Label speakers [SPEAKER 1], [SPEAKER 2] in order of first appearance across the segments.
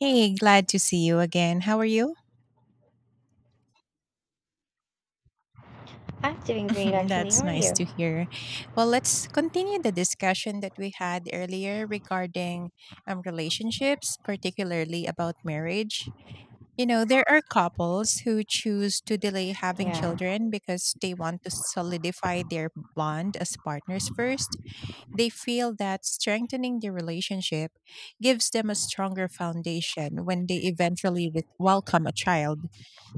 [SPEAKER 1] Hey, glad to see you again. How are you?
[SPEAKER 2] I'm doing great, actually.
[SPEAKER 1] That's
[SPEAKER 2] How are
[SPEAKER 1] nice
[SPEAKER 2] you?
[SPEAKER 1] to hear. Well, let's continue the discussion that we had earlier regarding relationships, particularly about marriage. You know, there are couples who choose to delay having
[SPEAKER 2] Yeah.
[SPEAKER 1] children because they want to solidify their bond as partners first. They feel that strengthening the relationship gives them a stronger foundation when they eventually welcome a child.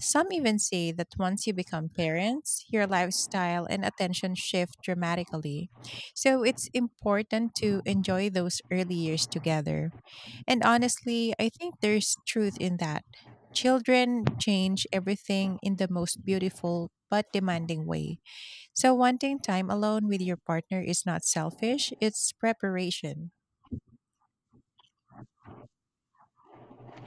[SPEAKER 1] Some even say that once you become parents, your lifestyle and attention shift dramatically. So it's important to enjoy those early years together. And honestly, I think there's truth in that. Children change everything in the most beautiful but demanding way. So, wanting time alone with your partner is not selfish, it's preparation.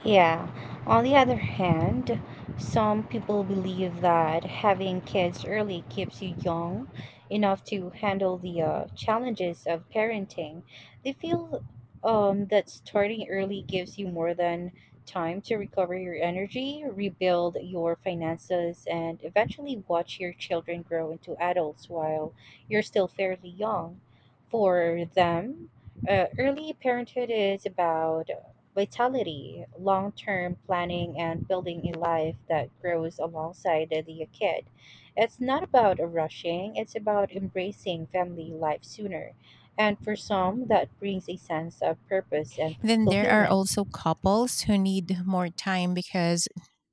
[SPEAKER 2] Yeah, on the other hand, some people believe that having kids early keeps you young enough to handle the challenges of parenting. They feel that starting early gives you more than time to recover your energy, rebuild your finances, and eventually watch your children grow into adults while you're still fairly young. For them, early parenthood is about vitality, long term planning, and building a life that grows alongside the kid. It's not about rushing, it's about embracing family life sooner. And for some, that brings a sense of purpose and
[SPEAKER 1] Then there are
[SPEAKER 2] fulfillment.
[SPEAKER 1] also couples who need more time because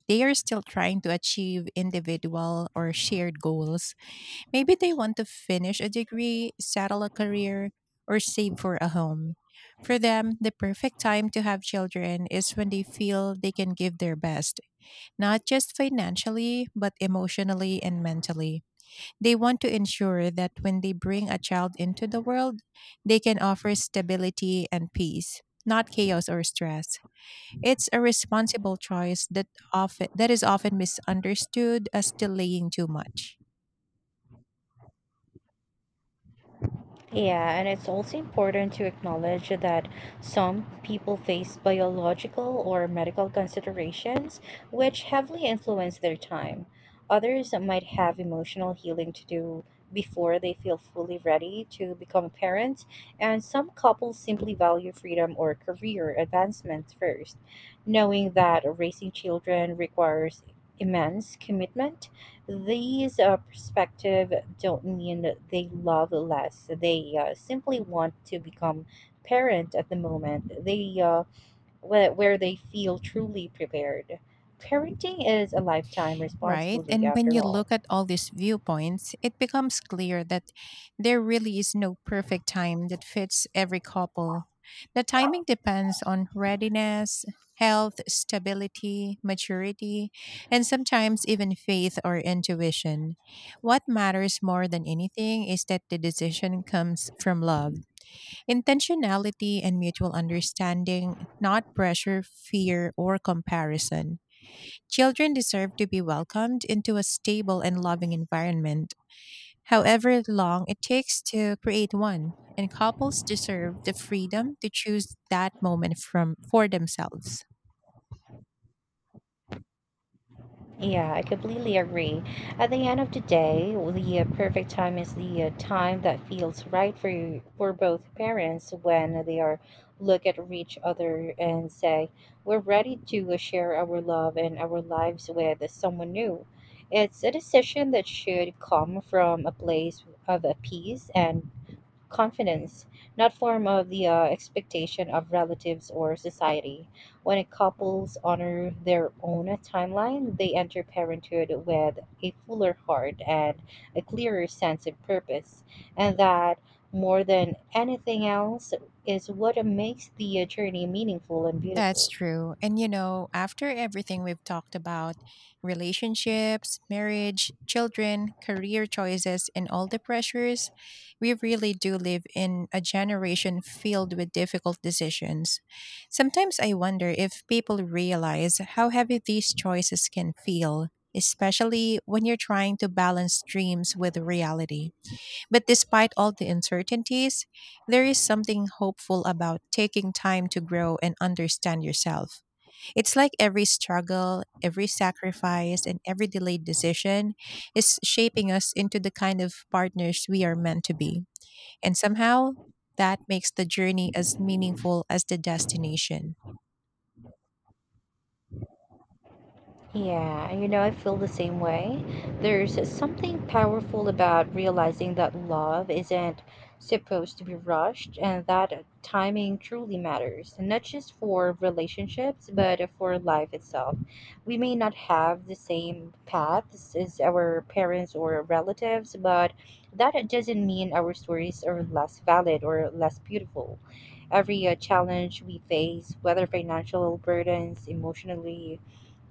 [SPEAKER 1] they are still trying to achieve individual or shared goals. Maybe they want to finish a degree, settle a career, or save for a home. For them, the perfect time to have children is when they feel they can give their best, not just financially, but emotionally and mentally. They want to ensure that when they bring a child into the world, they can offer stability and peace, not chaos or stress. It's a responsible choice that often that is often misunderstood as delaying too much.
[SPEAKER 2] Yeah, and it's also important to acknowledge that some people face biological or medical considerations which heavily influence their time. Others might have emotional healing to do before they feel fully ready to become parents, and some couples simply value freedom or career advancement first. Knowing that raising children requires immense commitment, these perspective don't mean that they love less. They simply want to become parent at the moment. They where they feel truly prepared. Parenting is a lifetime
[SPEAKER 1] Right.
[SPEAKER 2] responsibility,
[SPEAKER 1] And when
[SPEAKER 2] after
[SPEAKER 1] you
[SPEAKER 2] all.
[SPEAKER 1] look at all these viewpoints, it becomes clear that there really is no perfect time that fits every couple. The timing depends on readiness, health, stability, maturity, and sometimes even faith or intuition. What matters more than anything is that the decision comes from love, intentionality, and mutual understanding, not pressure, fear, or comparison. Children deserve to be welcomed into a stable and loving environment, however long it takes to create one, and couples deserve the freedom to choose that moment from for themselves.
[SPEAKER 2] Yeah, I completely agree. At the end of the day, the perfect time is the time that feels right for you, for both parents when they are look at each other and say, "We're ready to share our love and our lives with someone new." It's a decision that should come from a place of peace and confidence, not form of the expectation of relatives or society. When a couples honor their own timeline, they enter parenthood with a fuller heart and a clearer sense of purpose, and that, more than anything else, is what makes the journey meaningful and
[SPEAKER 1] That's
[SPEAKER 2] beautiful.
[SPEAKER 1] true. And you know, after everything we've talked about relationships, marriage, children, career choices, and all the pressures, we really do live in a generation filled with difficult decisions. Sometimes I wonder if people realize how heavy these choices can feel, especially when you're trying to balance dreams with reality. But despite all the uncertainties, there is something hopeful about taking time to grow and understand yourself. It's like every struggle, every sacrifice, and every delayed decision is shaping us into the kind of partners we are meant to be. And somehow, that makes the journey as meaningful as the destination.
[SPEAKER 2] Yeah, you know, I feel the same way. There's something powerful about realizing that love isn't supposed to be rushed and that timing truly matters, not just for relationships, but for life itself. We may not have the same paths as our parents or relatives, but that doesn't mean our stories are less valid or less beautiful. Every challenge we face, whether financial burdens, emotionally,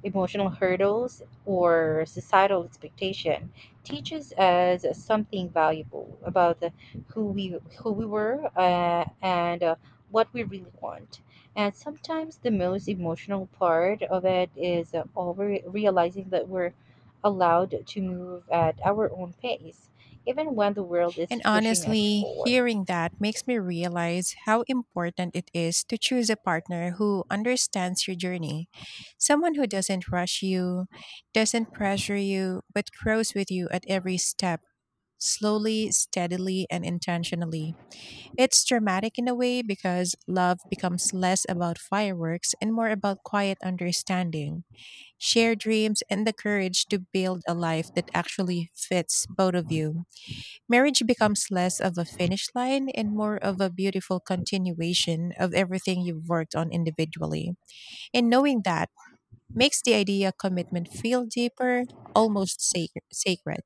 [SPEAKER 2] emotional hurdles, or societal expectation teaches us something valuable about who we were and what we really want. And sometimes the most emotional part of it is over realizing that we're allowed to move at our own pace, even when the world
[SPEAKER 1] And
[SPEAKER 2] is pushing us
[SPEAKER 1] honestly,
[SPEAKER 2] forward.
[SPEAKER 1] hearing that makes me realize how important it is to choose a partner who understands your journey. Someone who doesn't rush you, doesn't pressure you, but grows with you at every step, slowly, steadily, and intentionally. It's dramatic in a way because love becomes less about fireworks and more about quiet understanding, shared dreams, and the courage to build a life that actually fits both of you. Marriage becomes less of a finish line and more of a beautiful continuation of everything you've worked on individually. And knowing that makes the idea of commitment feel deeper, almost sacred.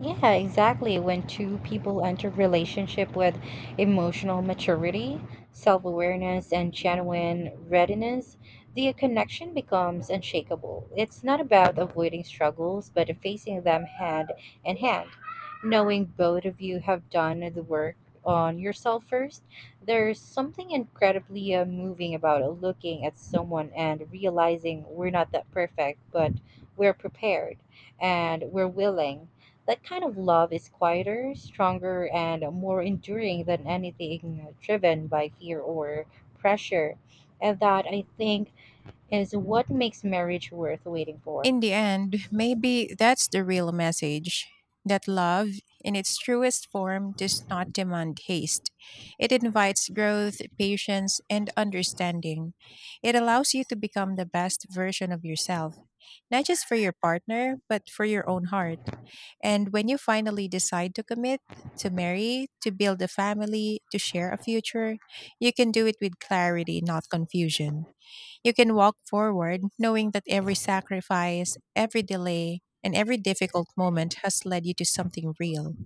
[SPEAKER 2] Yeah, exactly. When two people enter relationship with emotional maturity, self-awareness, and genuine readiness, the connection becomes unshakable. It's not about avoiding struggles, but facing them hand in hand. Knowing both of you have done the work on yourself first, there's something incredibly moving about looking at someone and realizing we're not that perfect, but we're prepared and we're willing, that kind of love is quieter, stronger, and more enduring than anything driven by fear or pressure. And that, I think, is what makes marriage worth waiting for.
[SPEAKER 1] In the end, maybe that's the real message that love, in its truest form, does not demand haste. It invites growth, patience, and understanding. It allows you to become the best version of yourself, not just for your partner, but for your own heart. And when you finally decide to commit, to marry, to build a family, to share a future, you can do it with clarity, not confusion. You can walk forward knowing that every sacrifice, every delay, and every difficult moment has led you to something real.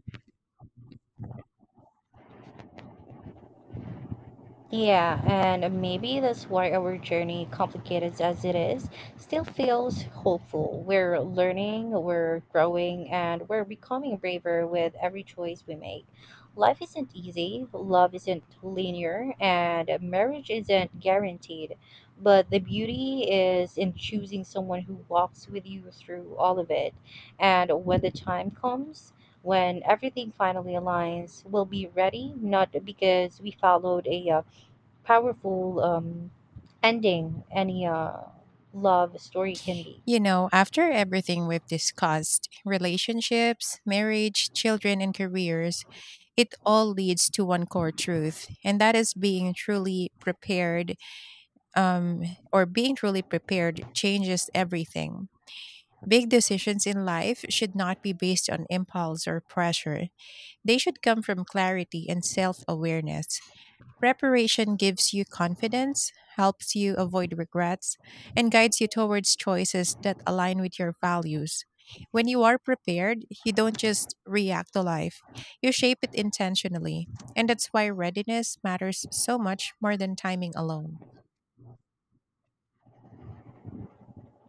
[SPEAKER 2] Yeah, and maybe that's why our journey, complicated as it is, still feels hopeful. We're learning, we're growing, and we're becoming braver with every choice we make. Life isn't easy, love isn't linear, and marriage isn't guaranteed. But the beauty is in choosing someone who walks with you through all of it. And when the time comes, when everything finally aligns, we'll be ready, not because we followed a powerful ending any love story can be.
[SPEAKER 1] You know, after everything we've discussed relationships, marriage, children, and careers it all leads to one core truth, and that is um, being truly prepared changes everything. Big decisions in life should not be based on impulse or pressure. They should come from clarity and self awareness. Preparation gives you confidence, helps you avoid regrets, and guides you towards choices that align with your values. When you are prepared, you don't just react to life, you shape it intentionally. And that's why readiness matters so much more than timing alone.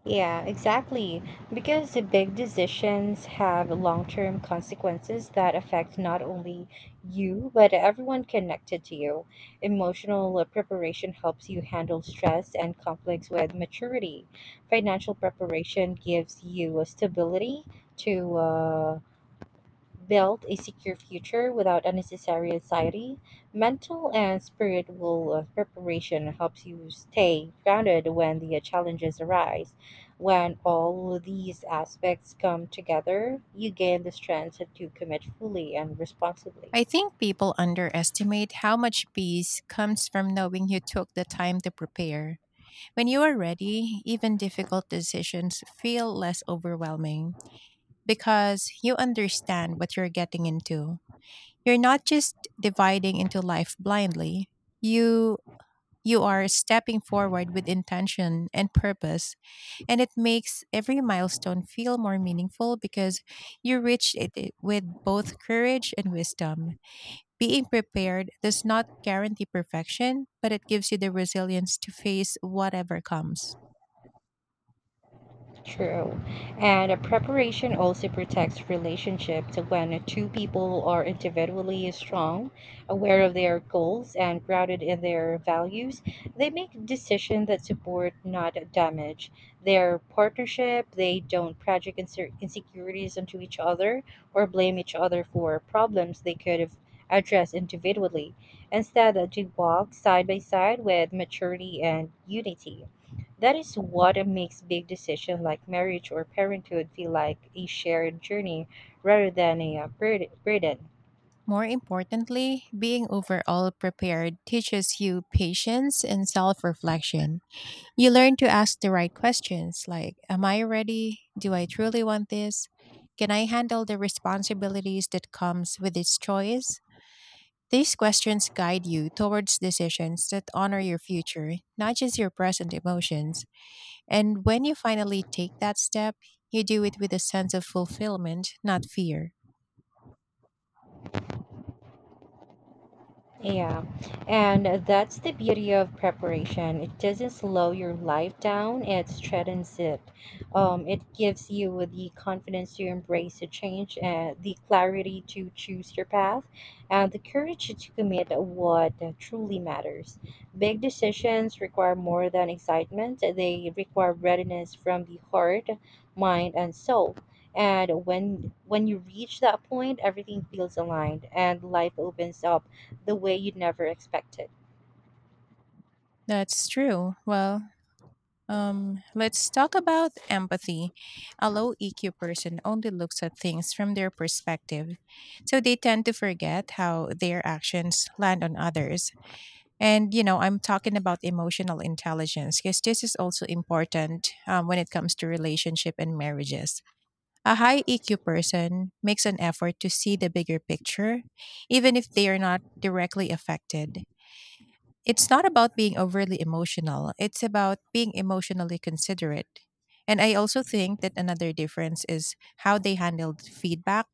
[SPEAKER 2] Yeah, exactly. Because the big decisions have long term consequences that affect not only you, but everyone connected to you. Emotional preparation helps you handle stress and conflicts with maturity. Financial preparation gives you a stability to build a secure future without unnecessary anxiety. Mental and spiritual preparation helps you stay grounded when the challenges arise. When all these aspects come together, you gain the strength to commit fully and responsibly.
[SPEAKER 1] I think people underestimate how much peace comes from knowing you took the time to prepare. When you are ready, even difficult decisions feel less overwhelming, because you understand what you're getting into. You're not just dividing into life blindly. You you are stepping forward with intention and purpose, and it makes every milestone feel more meaningful because you reached it with both courage and wisdom. Being prepared does not guarantee perfection, but it gives you the resilience to face whatever comes.
[SPEAKER 2] True. And a preparation also protects relationships when two people are individually strong, aware of their goals, and grounded in their values. They make decisions that support, not damage, their partnership. They don't project insecurities onto each other or blame each other for problems they could have addressed individually. Instead, they walk side by side with maturity and unity. That is what makes big decisions like marriage or parenthood feel like a shared journey rather than a burden.
[SPEAKER 1] More importantly, being overall prepared teaches you patience and self reflection. You learn to ask the right questions like, am I ready? Do I truly want this? Can I handle the responsibilities that comes with this choice? These questions guide you towards decisions that honor your future, not just your present emotions. And when you finally take that step, you do it with a sense of fulfillment, not fear.
[SPEAKER 2] Yeah, and that's the beauty of preparation. It doesn't slow your life down, it strengthens it. It gives you the confidence to embrace the change, and the clarity to choose your path, and the courage to commit what truly matters. Big decisions require more than excitement, they require readiness from the heart, mind, and soul. And when you reach that point, everything feels aligned and life opens up the way you'd never expected.
[SPEAKER 1] That's true. Well, let's talk about empathy. A low EQ person only looks at things from their perspective, so they tend to forget how their actions land on others. And you know, I'm talking about emotional intelligence because this is also important when it comes to relationship and marriages. A high EQ person makes an effort to see the bigger picture, even if they are not directly affected. It's not about being overly emotional, it's about being emotionally considerate. And I also think that another difference is how they handled feedback.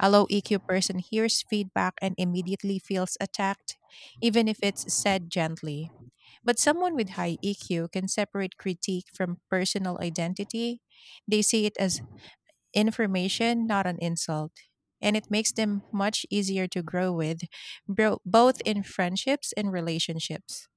[SPEAKER 1] A low EQ person hears feedback and immediately feels attacked, even if it's said gently. But someone with high EQ can separate critique from personal identity. They see it as information, not an insult. And it makes them much easier to grow with, both in friendships and relationships.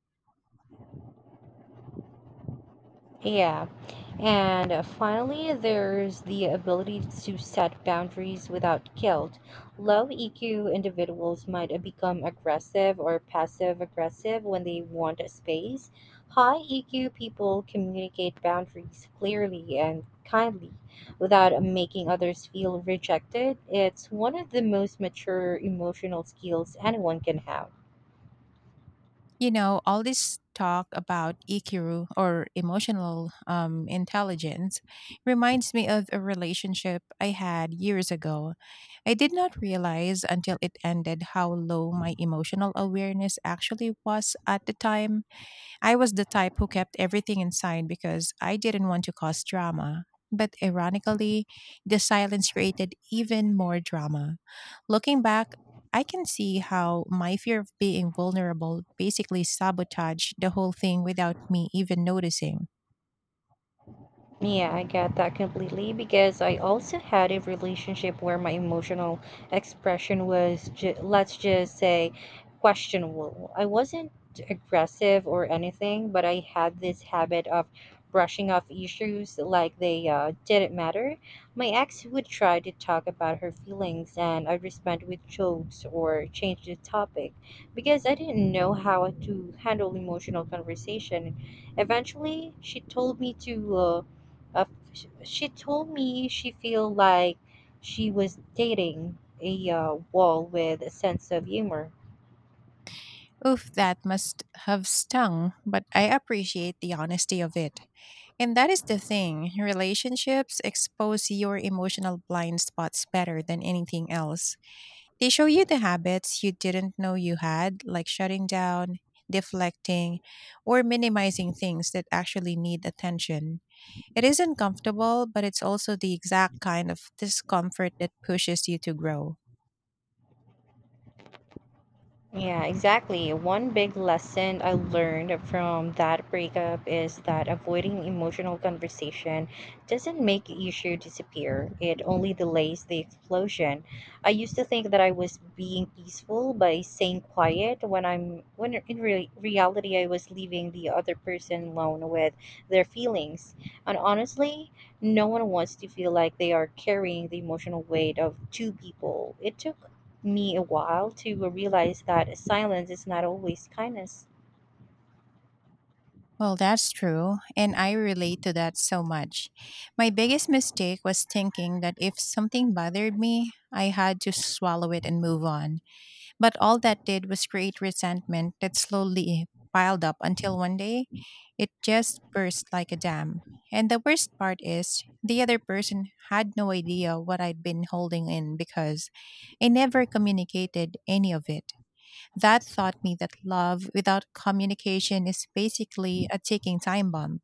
[SPEAKER 2] Yeah, and finally, there's the ability to set boundaries without guilt. Low EQ individuals might become aggressive or passive aggressive when they want space. High EQ people communicate boundaries clearly and kindly without making others feel rejected. It's one of the most mature emotional skills anyone can have.
[SPEAKER 1] You know, all this talk about EQ or emotional intelligence reminds me of a relationship I had years ago. I did not realize until it ended how low my emotional awareness actually was at the time. I was the type who kept everything inside because I didn't want to cause drama. But ironically, the silence created even more drama. Looking back, I can see how my fear of being vulnerable basically sabotaged the whole thing without me even noticing.
[SPEAKER 2] Yeah, I get that completely because I also had a relationship where my emotional expression was, let's just say, questionable. I wasn't aggressive or anything, but I had this habit of brushing off issues like they didn't matter. My ex would try to talk about her feelings, and I'd respond with jokes or change the topic because I didn't know how to handle emotional conversation. Eventually, she told me to. Uh, she told me she feel like she was dating a wall with a sense of humor.
[SPEAKER 1] Oof, that must have stung, but I appreciate the honesty of it. And that is the thing, relationships expose your emotional blind spots better than anything else. They show you the habits you didn't know you had, like shutting down, deflecting, or minimizing things that actually need attention. It isn't comfortable, but it's also the exact kind of discomfort that pushes you to grow.
[SPEAKER 2] Yeah, exactly. One big lesson I learned from that breakup is that avoiding emotional conversation doesn't make the issue disappear. It only delays the explosion. I used to think that I was being peaceful by staying quiet when in reality I was leaving the other person alone with their feelings. And honestly, no one wants to feel like they are carrying the emotional weight of two people. It took me a while to realize that silence is not always kindness.
[SPEAKER 1] Well, that's true, and I relate to that so much. My biggest mistake was thinking that if something bothered me, I had to swallow it and move on. But all that did was create resentment that slowly piled up until one day it just burst like a dam. And the worst part is, the other person had no idea what I'd been holding in because I never communicated any of it. That taught me that love without communication is basically a ticking time bomb.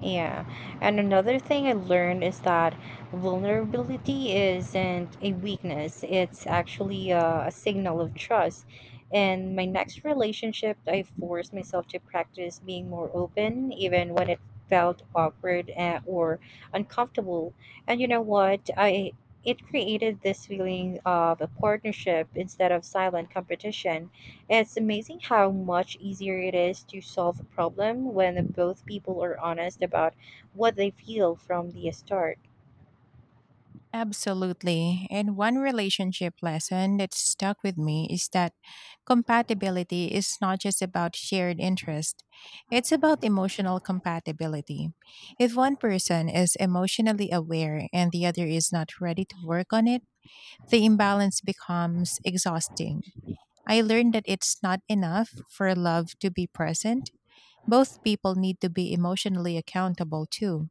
[SPEAKER 2] Yeah. And another thing I learned is that vulnerability isn't a weakness, it's actually a signal of trust. In my next relationship, I forced myself to practice being more open, even when it felt awkward or uncomfortable. And you know what? I, it created this feeling of a partnership instead of silent competition. It's amazing how much easier it is to solve a problem when both people are honest about what they feel from the start.
[SPEAKER 1] Absolutely. And one relationship lesson that stuck with me is that compatibility is not just about shared interest, it's about emotional compatibility. If one person is emotionally aware and the other is not ready to work on it, the imbalance becomes exhausting. I learned that it's not enough for love to be present. Both people need to be emotionally accountable too.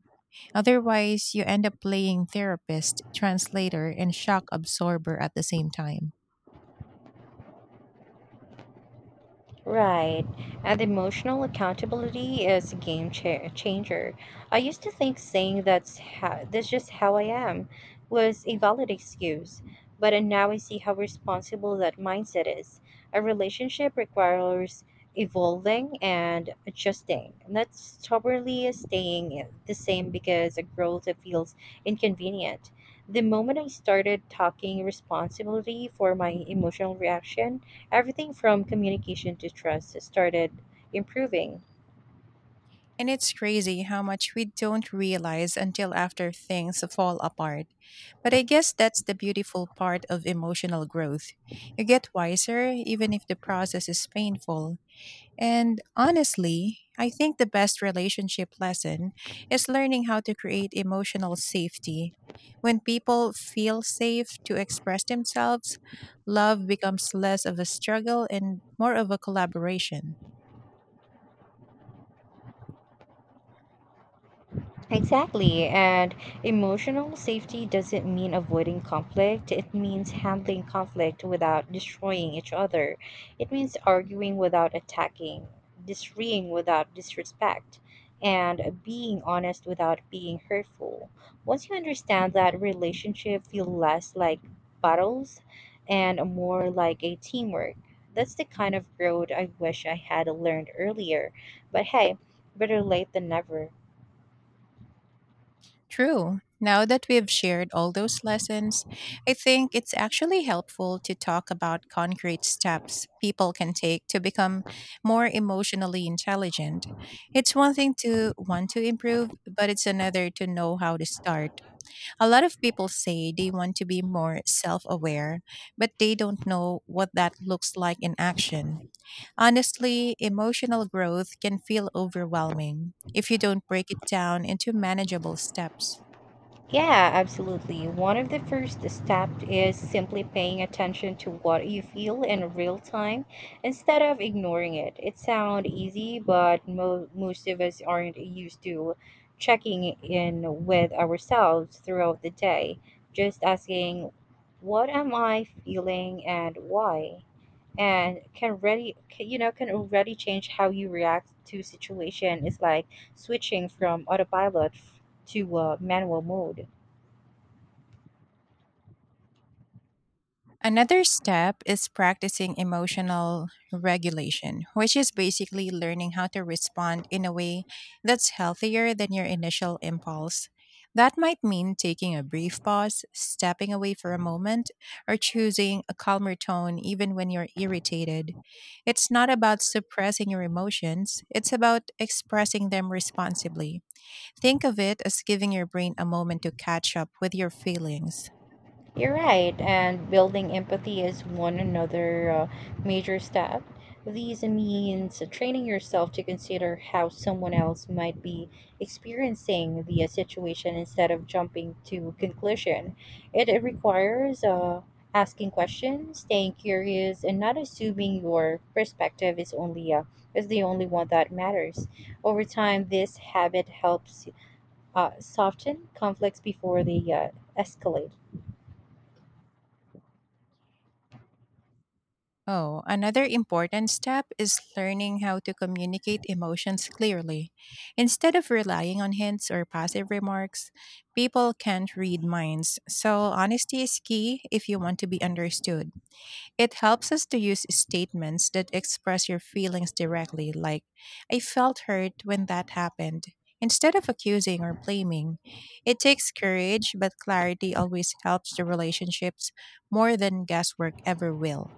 [SPEAKER 1] Otherwise, you end up playing therapist, translator, and shock absorber at the same time.
[SPEAKER 2] Right. And emotional accountability is a game changer. I used to think saying that's how, that's just how I am was a valid excuse, but now I see how responsible that mindset is. A relationship requires evolving and adjusting, not stubbornly staying the same because a growth that feels inconvenient. The moment I started talking responsibility for my emotional reaction, everything from communication to trust started improving.
[SPEAKER 1] And it's crazy how much we don't realize until after things fall apart. But I guess that's the beautiful part of emotional growth. You get wiser, even if the process is painful. And honestly, I think the best relationship lesson is learning how to create emotional safety. When people feel safe to express themselves, love becomes less of a struggle and more of a collaboration.
[SPEAKER 2] Exactly. And emotional safety doesn't mean avoiding conflict. It means handling conflict without destroying each other. It means arguing without attacking, disagreeing without disrespect, and being honest without being hurtful. Once you understand that, relationship feel less like battles and more like a teamwork. That's the kind of road I wish I had learned earlier. But hey, better late than never.
[SPEAKER 1] True. Now that we've shared all those lessons, I think it's actually helpful to talk about concrete steps people can take to become more emotionally intelligent. It's one thing to want to improve, but it's another to know how to start. A lot of people say they want to be more self aware, but they don't know what that looks like in action. Honestly, emotional growth can feel overwhelming if you don't break it down into manageable steps.
[SPEAKER 2] Yeah, absolutely. One of the first steps is simply paying attention to what you feel in real time instead of ignoring it. It sounds easy, but most of us aren't used to checking in with ourselves throughout the day. Just asking, "What am I feeling and why?" and can really can already change how you react to situation. It's like switching from autopilot to manual mode.
[SPEAKER 1] Another step is practicing emotional regulation, which is basically learning how to respond in a way that's healthier than your initial impulse. That might mean taking a brief pause, stepping away for a moment, or choosing a calmer tone even when you're irritated. It's not about suppressing your emotions, it's about expressing them responsibly. Think of it as giving your brain a moment to catch up with your feelings.
[SPEAKER 2] You're right, and building empathy is one another major step. This means training yourself to consider how someone else might be experiencing the situation instead of jumping to conclusion. It requires asking questions, staying curious, and not assuming your perspective is the only one that matters. Over time, this habit helps soften conflicts before they escalate.
[SPEAKER 1] Oh, another important step is learning how to communicate emotions clearly. Instead of relying on hints or passive remarks, people can't read minds. So, honesty is key if you want to be understood. It helps us to use statements that express your feelings directly, like, I felt hurt when that happened, instead of accusing or blaming. It takes courage, but clarity always helps the relationships more than guesswork ever will.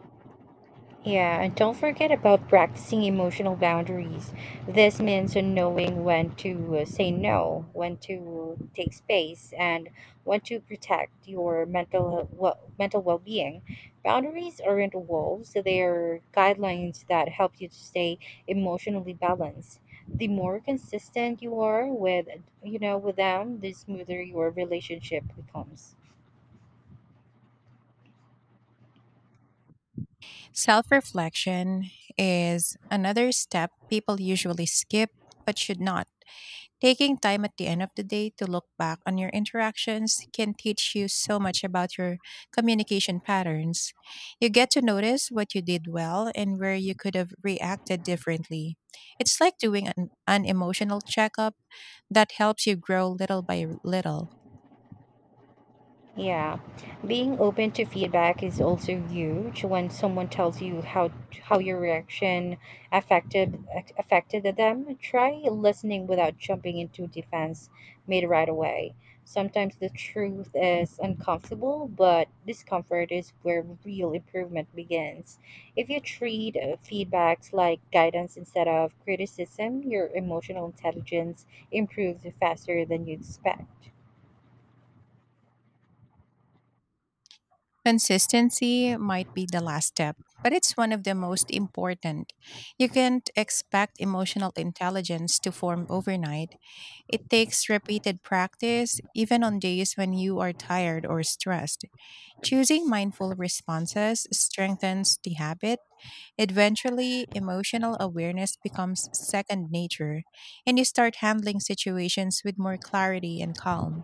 [SPEAKER 2] Yeah, and don't forget about practicing emotional boundaries. This means knowing when to say no, when to take space, and when to protect your mental well-being. Boundaries aren't walls; they're guidelines that help you to stay emotionally balanced. The more consistent you are with them, the smoother your relationship becomes.
[SPEAKER 1] Self reflection is another step people usually skip but should not. Taking time at the end of the day to look back on your interactions can teach you so much about your communication patterns. You get to notice what you did well and where you could have reacted differently. It's like doing an emotional checkup that helps you grow little by little.
[SPEAKER 2] Yeah, being open to feedback is also huge. When someone tells you how your reaction affected them, try listening without jumping into defense made right away. Sometimes the truth is uncomfortable, but discomfort is where real improvement begins. If you treat feedbacks like guidance instead of criticism, your emotional intelligence improves faster than you expect.
[SPEAKER 1] Consistency might be the last step, but it's one of the most important. You can't expect emotional intelligence to form overnight. It takes repeated practice, even on days when you are tired or stressed. Choosing mindful responses strengthens the habit. Eventually, emotional awareness becomes second nature, and you start handling situations with more clarity and calm.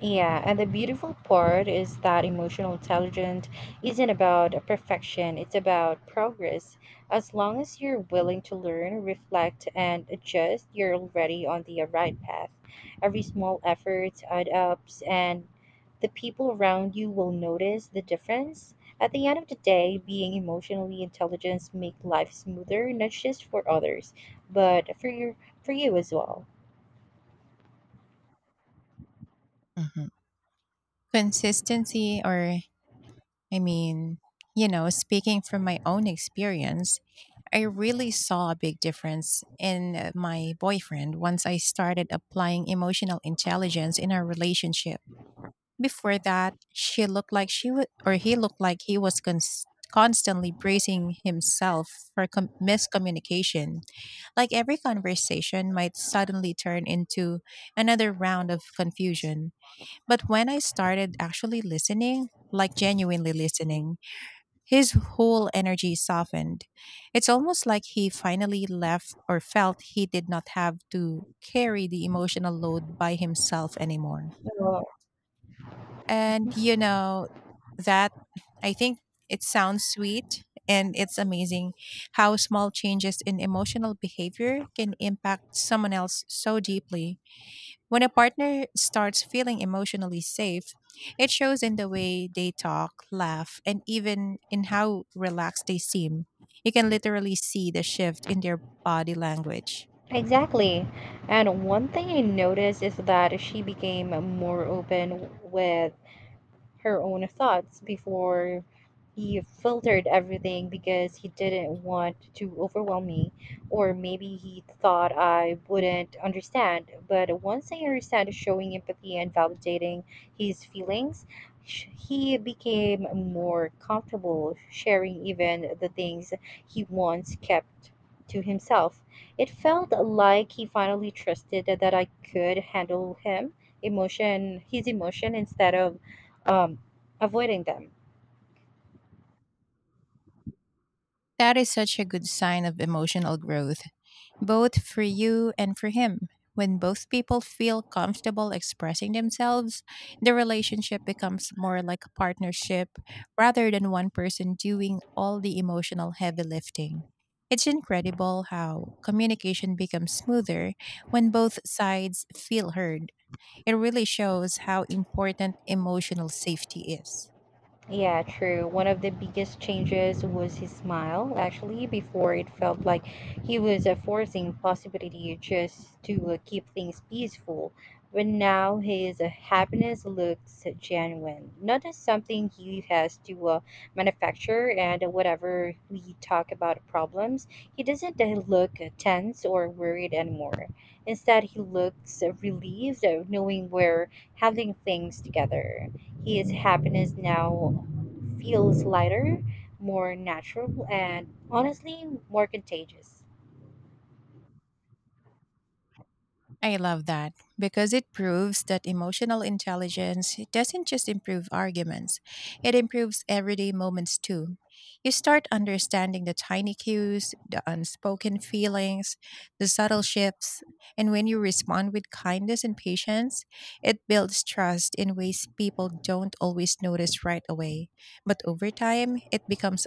[SPEAKER 2] Yeah, and the beautiful part is that emotional intelligence isn't about a perfection, it's about progress. As long as you're willing to learn, reflect, and adjust, you're already on the right path. Every small effort add ups, and the people around you will notice the difference. At the end of the day, being emotionally intelligent make life smoother, not just for others, but for your for you as well.
[SPEAKER 1] Mhm. Consistency, or I mean, you know, speaking from my own experience, I really saw a big difference in my boyfriend once I started applying emotional intelligence in our relationship. Before that, she looked like she would, or he looked like he was constantly bracing himself for miscommunication. Like every conversation might suddenly turn into another round of confusion. But when I started actually listening, like genuinely listening, his whole energy softened. It's almost like he finally left or felt he did not have to carry the emotional load by himself anymore.
[SPEAKER 2] Uh,
[SPEAKER 1] And you know, that I think it sounds sweet, and it's amazing how small changes in emotional behavior can impact someone else so deeply. When a partner starts feeling emotionally safe, it shows in the way they talk, laugh, and even in how relaxed they seem. You can literally see the shift in their body language.
[SPEAKER 2] Exactly. And one thing I noticed is that she became more open with her own thoughts before he filtered everything because he didn't want to overwhelm me, or maybe he thought I wouldn't understand. But once I understand showing empathy and validating his feelings, he became more comfortable sharing even the things he once kept to himself. It felt like he finally trusted that I could handle him emotion his emotion instead of um, avoiding them.
[SPEAKER 1] That is such a good sign of emotional growth, both for you and for him. When both people feel comfortable expressing themselves, the relationship becomes more like a partnership rather than one person doing all the emotional heavy lifting. It's incredible how communication becomes smoother when both sides feel heard. It really shows how important emotional safety is.
[SPEAKER 2] Yeah, true. One of the biggest changes was his smile. Actually, before it felt like he was forcing possibility just to keep things peaceful. But now his happiness looks genuine, not as something he has to manufacture. And whatever we talk about problems, he doesn't look tense or worried anymore. Instead, he looks relieved, knowing we're handling things together. His happiness now feels lighter, more natural, and honestly, more contagious.
[SPEAKER 1] I love that because it proves that emotional intelligence doesn't just improve arguments, it improves everyday moments too. You start understanding the tiny cues, the unspoken feelings, the subtle shifts, and when you respond with kindness and patience, it builds trust in ways people don't always notice right away. But over time, it becomes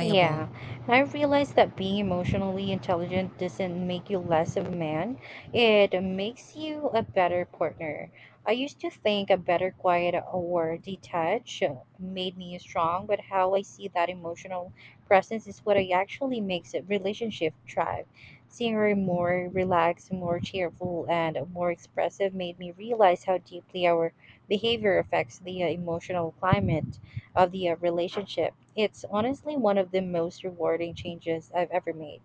[SPEAKER 2] Yeah, and I realized that being emotionally intelligent doesn't make you less of a man. It makes you a better partner. I used to think a better quiet or detached made me strong, but how I see that emotional presence is what I actually makes a relationship thrive. Seeing her more relaxed, more cheerful, and more expressive made me realize how deeply our behavior affects the emotional climate of the relationship. It's honestly one of the most rewarding changes I've ever made.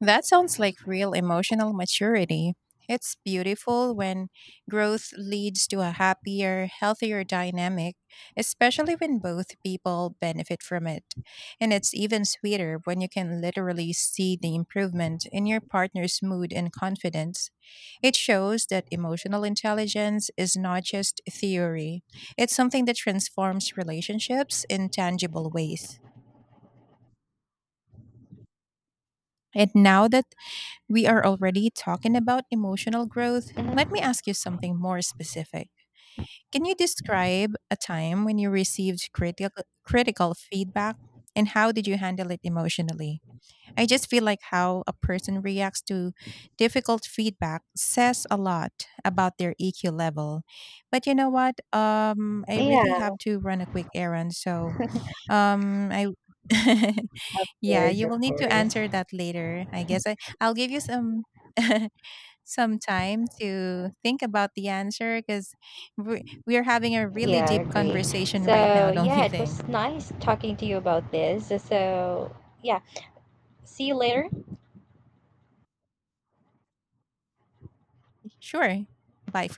[SPEAKER 1] That sounds like real emotional maturity. It's beautiful when growth leads to a happier, healthier dynamic, especially when both people benefit from it. And it's even sweeter when you can literally see the improvement in your partner's mood and confidence. It shows that emotional intelligence is not just theory, it's something that transforms relationships in tangible ways. And now that we are already talking about emotional growth, let me
[SPEAKER 2] Mhm.
[SPEAKER 1] ask you something more specific. Can you describe a time when you received critical feedback, and how did you handle it emotionally? I just feel like how a person reacts to difficult feedback says a lot about their EQ level. But you know what? I
[SPEAKER 2] Yeah,
[SPEAKER 1] really have
[SPEAKER 2] of
[SPEAKER 1] to run a quick errand, so I yeah,
[SPEAKER 2] course,
[SPEAKER 1] you
[SPEAKER 2] of
[SPEAKER 1] will need to
[SPEAKER 2] course.
[SPEAKER 1] answer that later. I guess I'll give you some some time to think about the answer, because we are having a really
[SPEAKER 2] Yeah, I
[SPEAKER 1] deep
[SPEAKER 2] agree.
[SPEAKER 1] conversation right
[SPEAKER 2] So,
[SPEAKER 1] now, don't
[SPEAKER 2] yeah,
[SPEAKER 1] you
[SPEAKER 2] it
[SPEAKER 1] think?
[SPEAKER 2] was nice talking to you about this. So, yeah, see you later.
[SPEAKER 1] Sure. Bye for